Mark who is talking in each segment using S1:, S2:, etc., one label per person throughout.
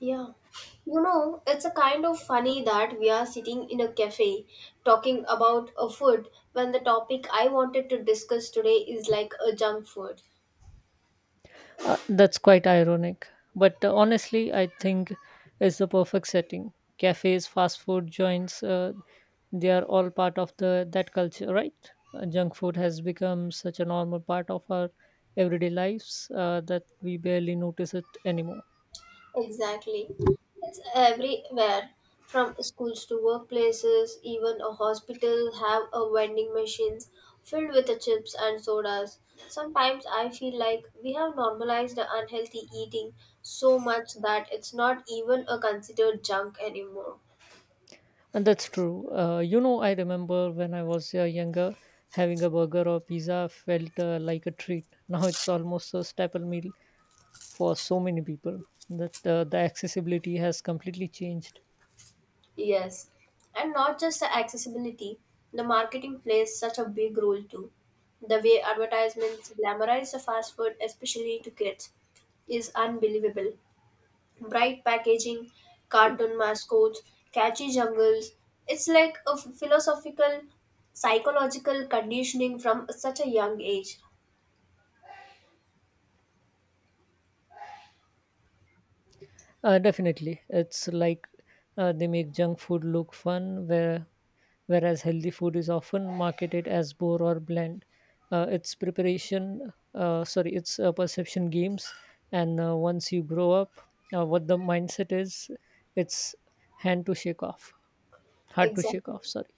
S1: Yeah. You know, it's a kind of funny that we are sitting in a cafe talking about a food when the topic I wanted to discuss today is like a junk food.
S2: That's quite ironic. But honestly, I think it's the perfect setting. Cafes, fast food joints, they are all part of the that culture, right? Junk food has become such a normal part of our everyday lives that we barely notice it anymore.
S1: Exactly. It's everywhere from schools to workplaces, even a hospital have a vending machines filled with the chips and sodas. Sometimes I feel like we have normalized the unhealthy eating so much that it's not even a considered junk anymore.
S2: And that's true. You know, I remember when I was younger, having a burger or pizza felt like a treat. Now it's almost a staple meal for so many people that the accessibility has completely changed.
S1: Yes, and not just the accessibility, the marketing plays such a big role too. The way advertisements glamorize the fast food, especially to kids, is unbelievable. Bright packaging, cartoon mascots, catchy jungles. It's like a philosophical, psychological conditioning from such a young age.
S2: Definitely, it's like they make junk food look fun, whereas healthy food is often marketed as bore or bland. It's perception games, and once you grow up, what the mindset is, it's hand to shake off, hard to shake
S1: Exactly.
S2: off. Sorry.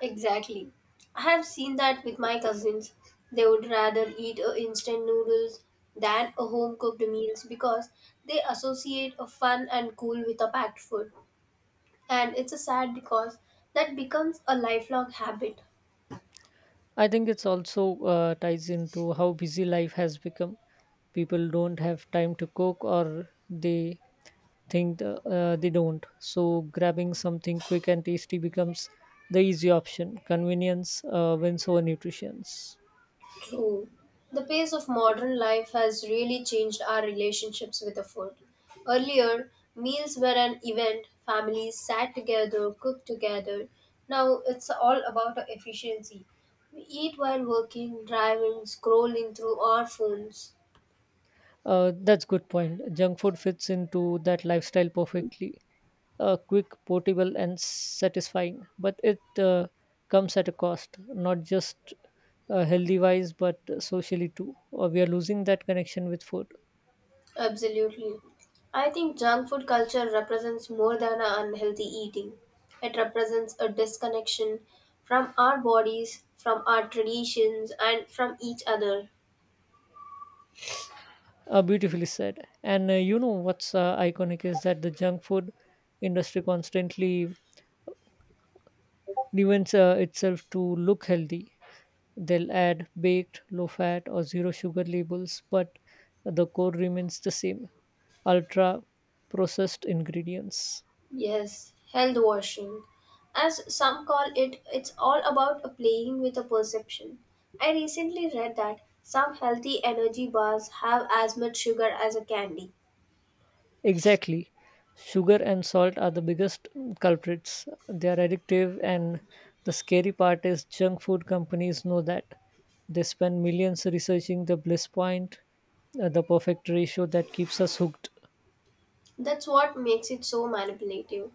S1: Exactly. I have seen that with my cousins. They would rather eat a instant noodles than a home cooked meals because they associate a fun and cool with a packed food. And it's a sad because that becomes a lifelong habit.
S2: I think it's also ties into how busy life has become. People don't have time to cook, or they think they don't. So grabbing something quick and tasty becomes the easy option. Convenience wins over nutrition.
S1: True. The pace of modern life has really changed our relationships with the food. Earlier, meals were an event, families sat together, cooked together. Now it's all about the efficiency. We eat while working, driving, scrolling through our phones.
S2: That's good point. Junk food fits into that lifestyle perfectly. Quick, portable, and satisfying. But it comes at a cost, not just healthy wise, but socially too. We are losing that connection with food.
S1: Absolutely. I think junk food culture represents more than a unhealthy eating. It represents a disconnection from our bodies, from our traditions, and from each other.
S2: Beautifully said. And you know what's iconic is that the junk food industry constantly reinvents itself to look healthy. They'll add baked, low fat, or zero sugar labels, but the core remains the same ultra processed ingredients.
S1: Yes, health washing. As some call it, it's all about a playing with a perception. I recently read that some healthy energy bars have as much sugar as a candy.
S2: Exactly. Sugar and salt are the biggest culprits. They are addictive, and the scary part is junk food companies know that. They spend millions researching the bliss point, the perfect ratio that keeps us hooked.
S1: That's what makes it so manipulative.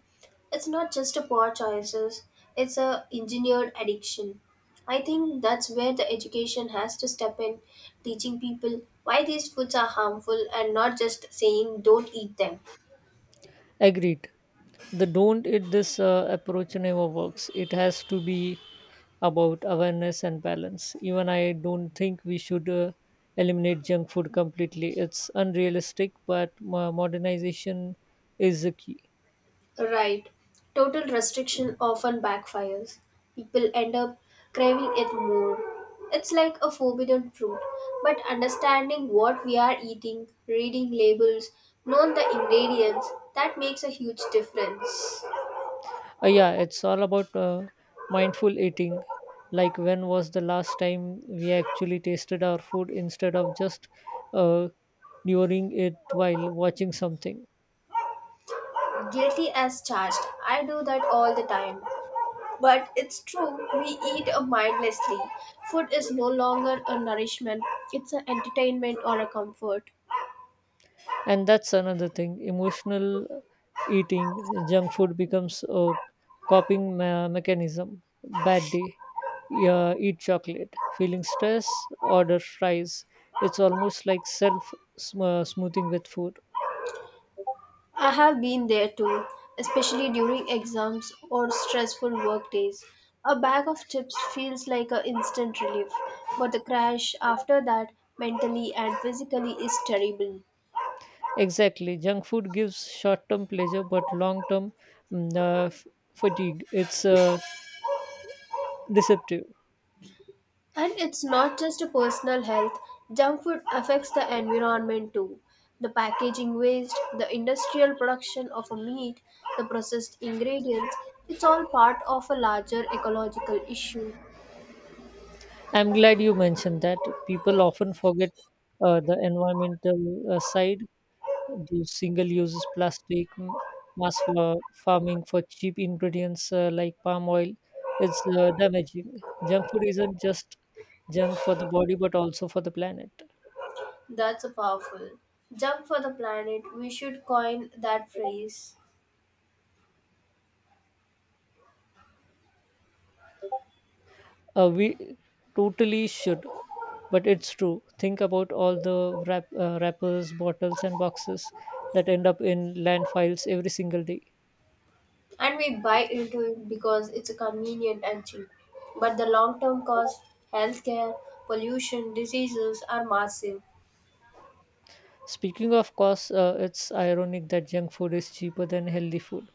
S1: It's not just a poor choices, it's a engineered addiction. I think that's where the education has to step in, teaching people why these foods are harmful and not just saying don't eat them.
S2: Agreed. The don't eat this approach never works. It has to be about awareness and balance. Even I don't think we should eliminate junk food completely. It's unrealistic, but modernization is the key.
S1: Right. Total restriction often backfires. People end up craving it more. It's like a forbidden fruit. But understanding what we are eating, reading labels, knowing the ingredients, that makes a huge difference.
S2: Yeah, it's all about mindful eating. Like, when was the last time we actually tasted our food instead of just uh, devouring it while watching something?
S1: Guilty as charged. I do that all the time. But it's true, we eat mindlessly. Food is no longer a nourishment, it's an entertainment or a comfort.
S2: And that's another thing. Emotional eating, junk food becomes a mechanism. Bad day, yeah, eat chocolate. Feeling stress, order fries. It's almost like self smoothing with food.
S1: I have been there too, especially during exams or stressful work days. A bag of chips feels like an instant relief, but the crash after that, mentally and physically, is terrible.
S2: Exactly. Junk food gives short term pleasure but long term mm, uh, f- fatigue. It's deceptive.
S1: And it's not just a personal health, junk food affects the environment too. The packaging waste, the industrial production of a meat, the processed ingredients, it's all part of a larger ecological issue.
S2: I'm glad you mentioned that. People often forget the environmental side, the single uses plastic, mass for farming for cheap ingredients like palm oil. It's damaging. Junk food isn't just junk for the body but also for the planet.
S1: That's a powerful. Jump for the planet. We should coin that phrase.
S2: We totally should, but it's true. Think about all the wrappers, bottles, and boxes that end up in landfills every single day.
S1: And we buy into it because it's convenient and cheap. But the long term cost, healthcare, pollution, diseases are massive.
S2: Speaking of cost, it's ironic that junk food is cheaper than healthy food.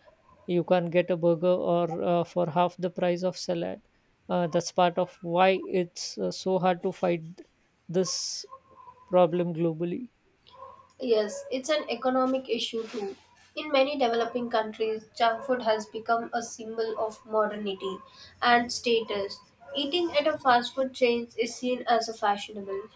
S2: You can get a burger or for half the price of salad. That's part of why it's so hard to fight this problem globally.
S1: Yes, it's an economic issue too. In many developing countries, junk food has become a symbol of modernity and status. Eating at a fast food chain is seen as a fashionable.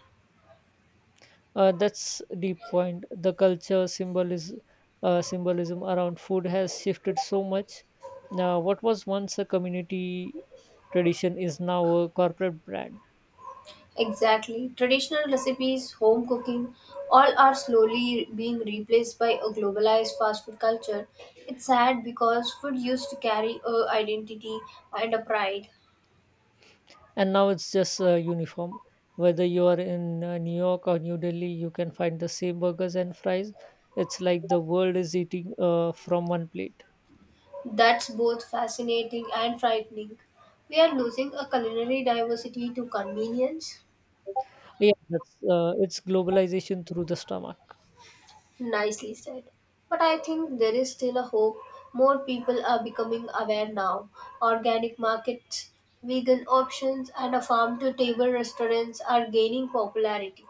S2: That's the point. The culture symbolism around food has shifted so much. Now, what was once a community tradition is now a corporate brand,
S1: Exactly. Traditional recipes, home cooking, all are slowly being replaced by a globalized fast food culture. It's sad because food used to carry a identity and a pride.
S2: and now it's just a uniform. Whether you are in New York or New Delhi, you can find the same burgers and fries. It's like the world is eating from one plate.
S1: That's both fascinating and frightening. We are losing a culinary diversity to convenience.
S2: Yeah, that's it's globalization through the stomach.
S1: Nicely said. But I think there is still a hope. More people are becoming aware now. Organic markets, vegan options, and a farm to table restaurants are gaining popularity.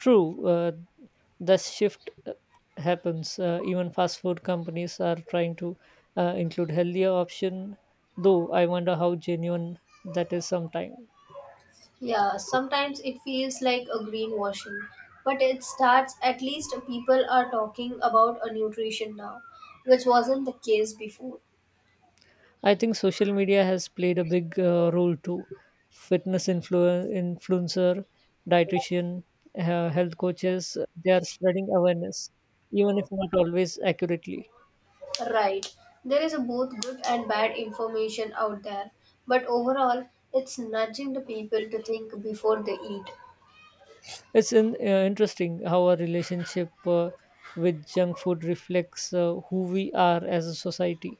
S2: True, the shift happens. Even fast food companies are trying to include healthier option, though I wonder how genuine that is sometimes.
S1: Yeah, sometimes it feels like a greenwashing, but it starts at least people are talking about a nutrition now, which wasn't the case before.
S2: I think social media has played a big role too. Fitness influencer, dietitian, health coaches, they are spreading awareness, even if not always accurately.
S1: Right. There is a both good and bad information out there, but overall, it's nudging the people to think before they eat.
S2: It's interesting how our relationship with junk food reflects who we are as a society.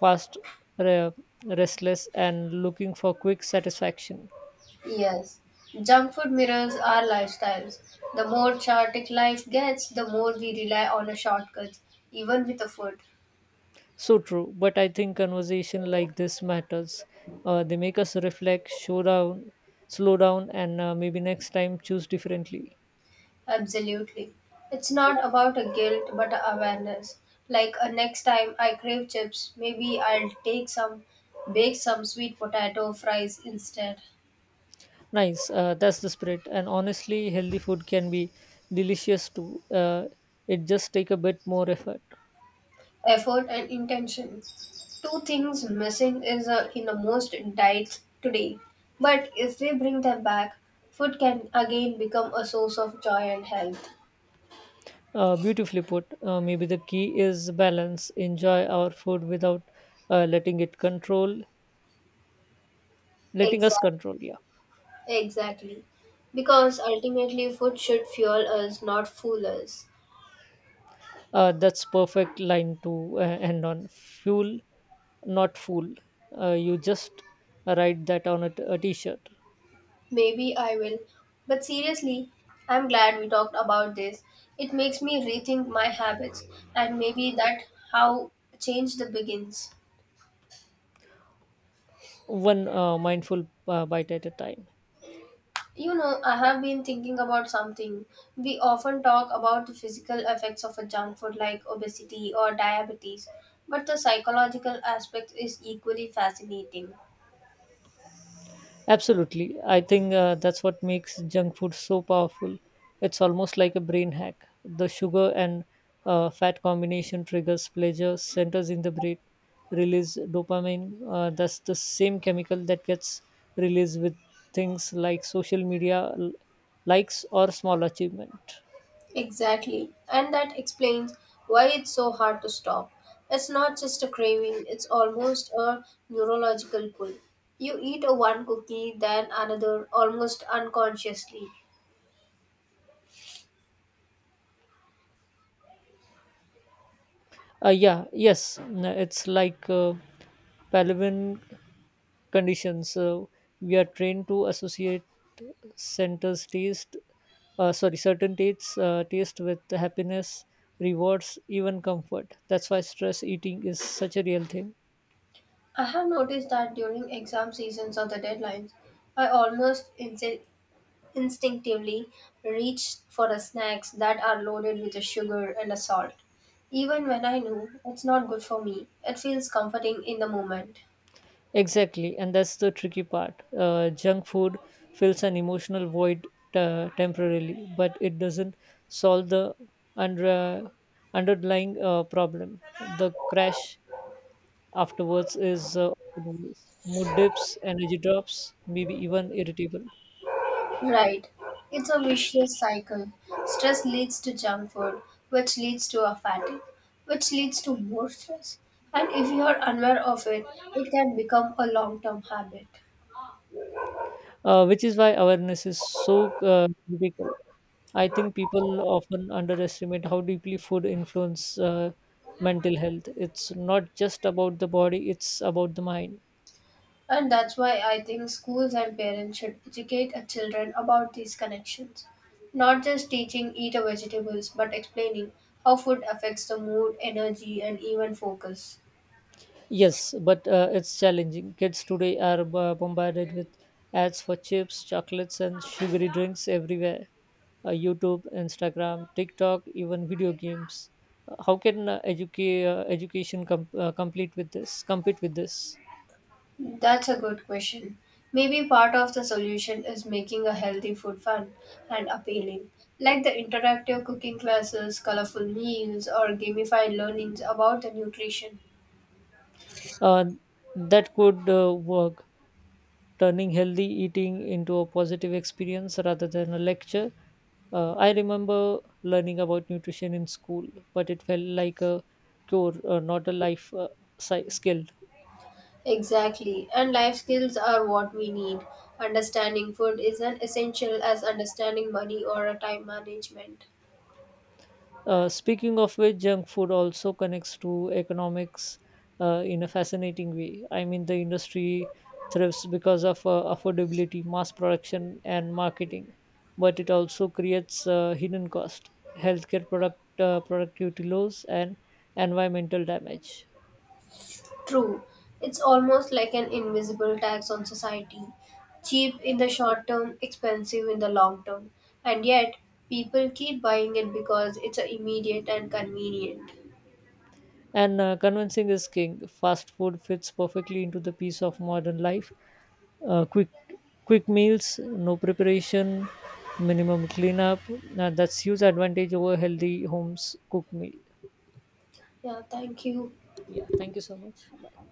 S2: Fast, re- restless, and looking for quick satisfaction.
S1: Yes, junk food mirrors our lifestyles. The more chaotic life gets, the more we rely on a shortcut, even with the food.
S2: So true, but I think conversation like this matters. They make us reflect, slow down, and maybe next time choose differently.
S1: Absolutely. It's not about a guilt but a awareness. Like next time I crave chips, maybe I'll take some, bake some sweet potato fries instead.
S2: Nice, that's the spirit. And honestly, healthy food can be delicious too. It just take a bit more effort.
S1: Effort and intention. Two things missing is in the most diets today. But if we bring them back, food can again become a source of joy and health.
S2: Beautifully put. Maybe the key is balance. Enjoy our food without letting it control, letting us
S1: Exact,
S2: control. Yeah.
S1: exactly. Because ultimately, food should fuel us, not fool us.
S2: That's perfect line to end on. Fuel, not fool. You just write that on a t a t-shirt.
S1: Maybe I will. But seriously, I'm glad we talked about this. It makes me rethink my habits, and maybe that how change the begins.
S2: One mindful bite at a time.
S1: You know, I have been thinking about something. We often talk about the physical effects of a junk food like obesity or diabetes, but the psychological aspect is equally fascinating.
S2: Absolutely. I think that's what makes junk food so powerful. It's almost like a brain hack. The sugar and fat combination triggers pleasure centers in the brain, release dopamine. That's the same chemical that gets released with things like social media likes or small achievement.
S1: Exactly. And that explains why it's so hard to stop. It's not just a craving, it's almost a neurological pull. You eat a one cookie, then another, almost unconsciously.
S2: Yeah, yes. It's like Palevin conditions. So we are trained to associate centers taste, certain tastes, taste with happiness, rewards, even comfort. That's why stress eating is such a real thing.
S1: I have noticed that during exam seasons or the deadlines, I almost instinctively reach for the snacks that are loaded with a sugar and a salt. Even when I know it's not good for me, it feels comforting in the moment.
S2: Exactly, and that's the tricky part. Junk food fills an emotional void temporarily, but it doesn't solve the under, underlying problem. The crash afterwards is mood dips, energy drops, maybe even irritable,
S1: Right. It's a vicious cycle. Stress leads to junk food, which leads to a fatigue, which leads to more stress. And if you are unaware of it, it can become a long term habit.
S2: which is why awareness is so critical. I think people often underestimate how deeply food influences mental health. It's not just about the body; it's about the mind.
S1: And that's why I think schools and parents should educate our children about these connections. Not just teaching eat a vegetables, but explaining how food affects the mood, energy, and even focus.
S2: Yes, but it's challenging. Kids today are bombarded with ads for chips, chocolates, and sugary drinks everywhere. YouTube, Instagram, TikTok, even video games. How can educa- education com- complete with this? Compete with this?
S1: That's a good question. Maybe part of the solution is making a healthy food fun and appealing, like the interactive cooking classes, colorful meals, or gamified learnings about the nutrition.
S2: Uh, that could work, turning healthy eating into a positive experience rather than a lecture. I remember learning about nutrition in school, but it felt like a cure, not a life skill.
S1: Exactly. And life skills are what we need. Understanding food is an essential as understanding money or a time management.
S2: Speaking of which, junk food also connects to economics in a fascinating way. I mean, the industry thrives because of affordability, mass production, and marketing, but it also creates hidden cost, healthcare productivity loss, and environmental damage.
S1: True. It's almost like an invisible tax on society. Cheap in the short term, expensive in the long term. And yet, people keep buying it because it's a immediate and convenient.
S2: And convincing is king. Fast food fits perfectly into the piece of modern life. Uh, quick, Quick meals, no preparation, minimum cleanup. That's huge advantage over healthy homes cooked meal.
S1: Yeah, thank you.
S2: Yeah. Thank you so much. Bye.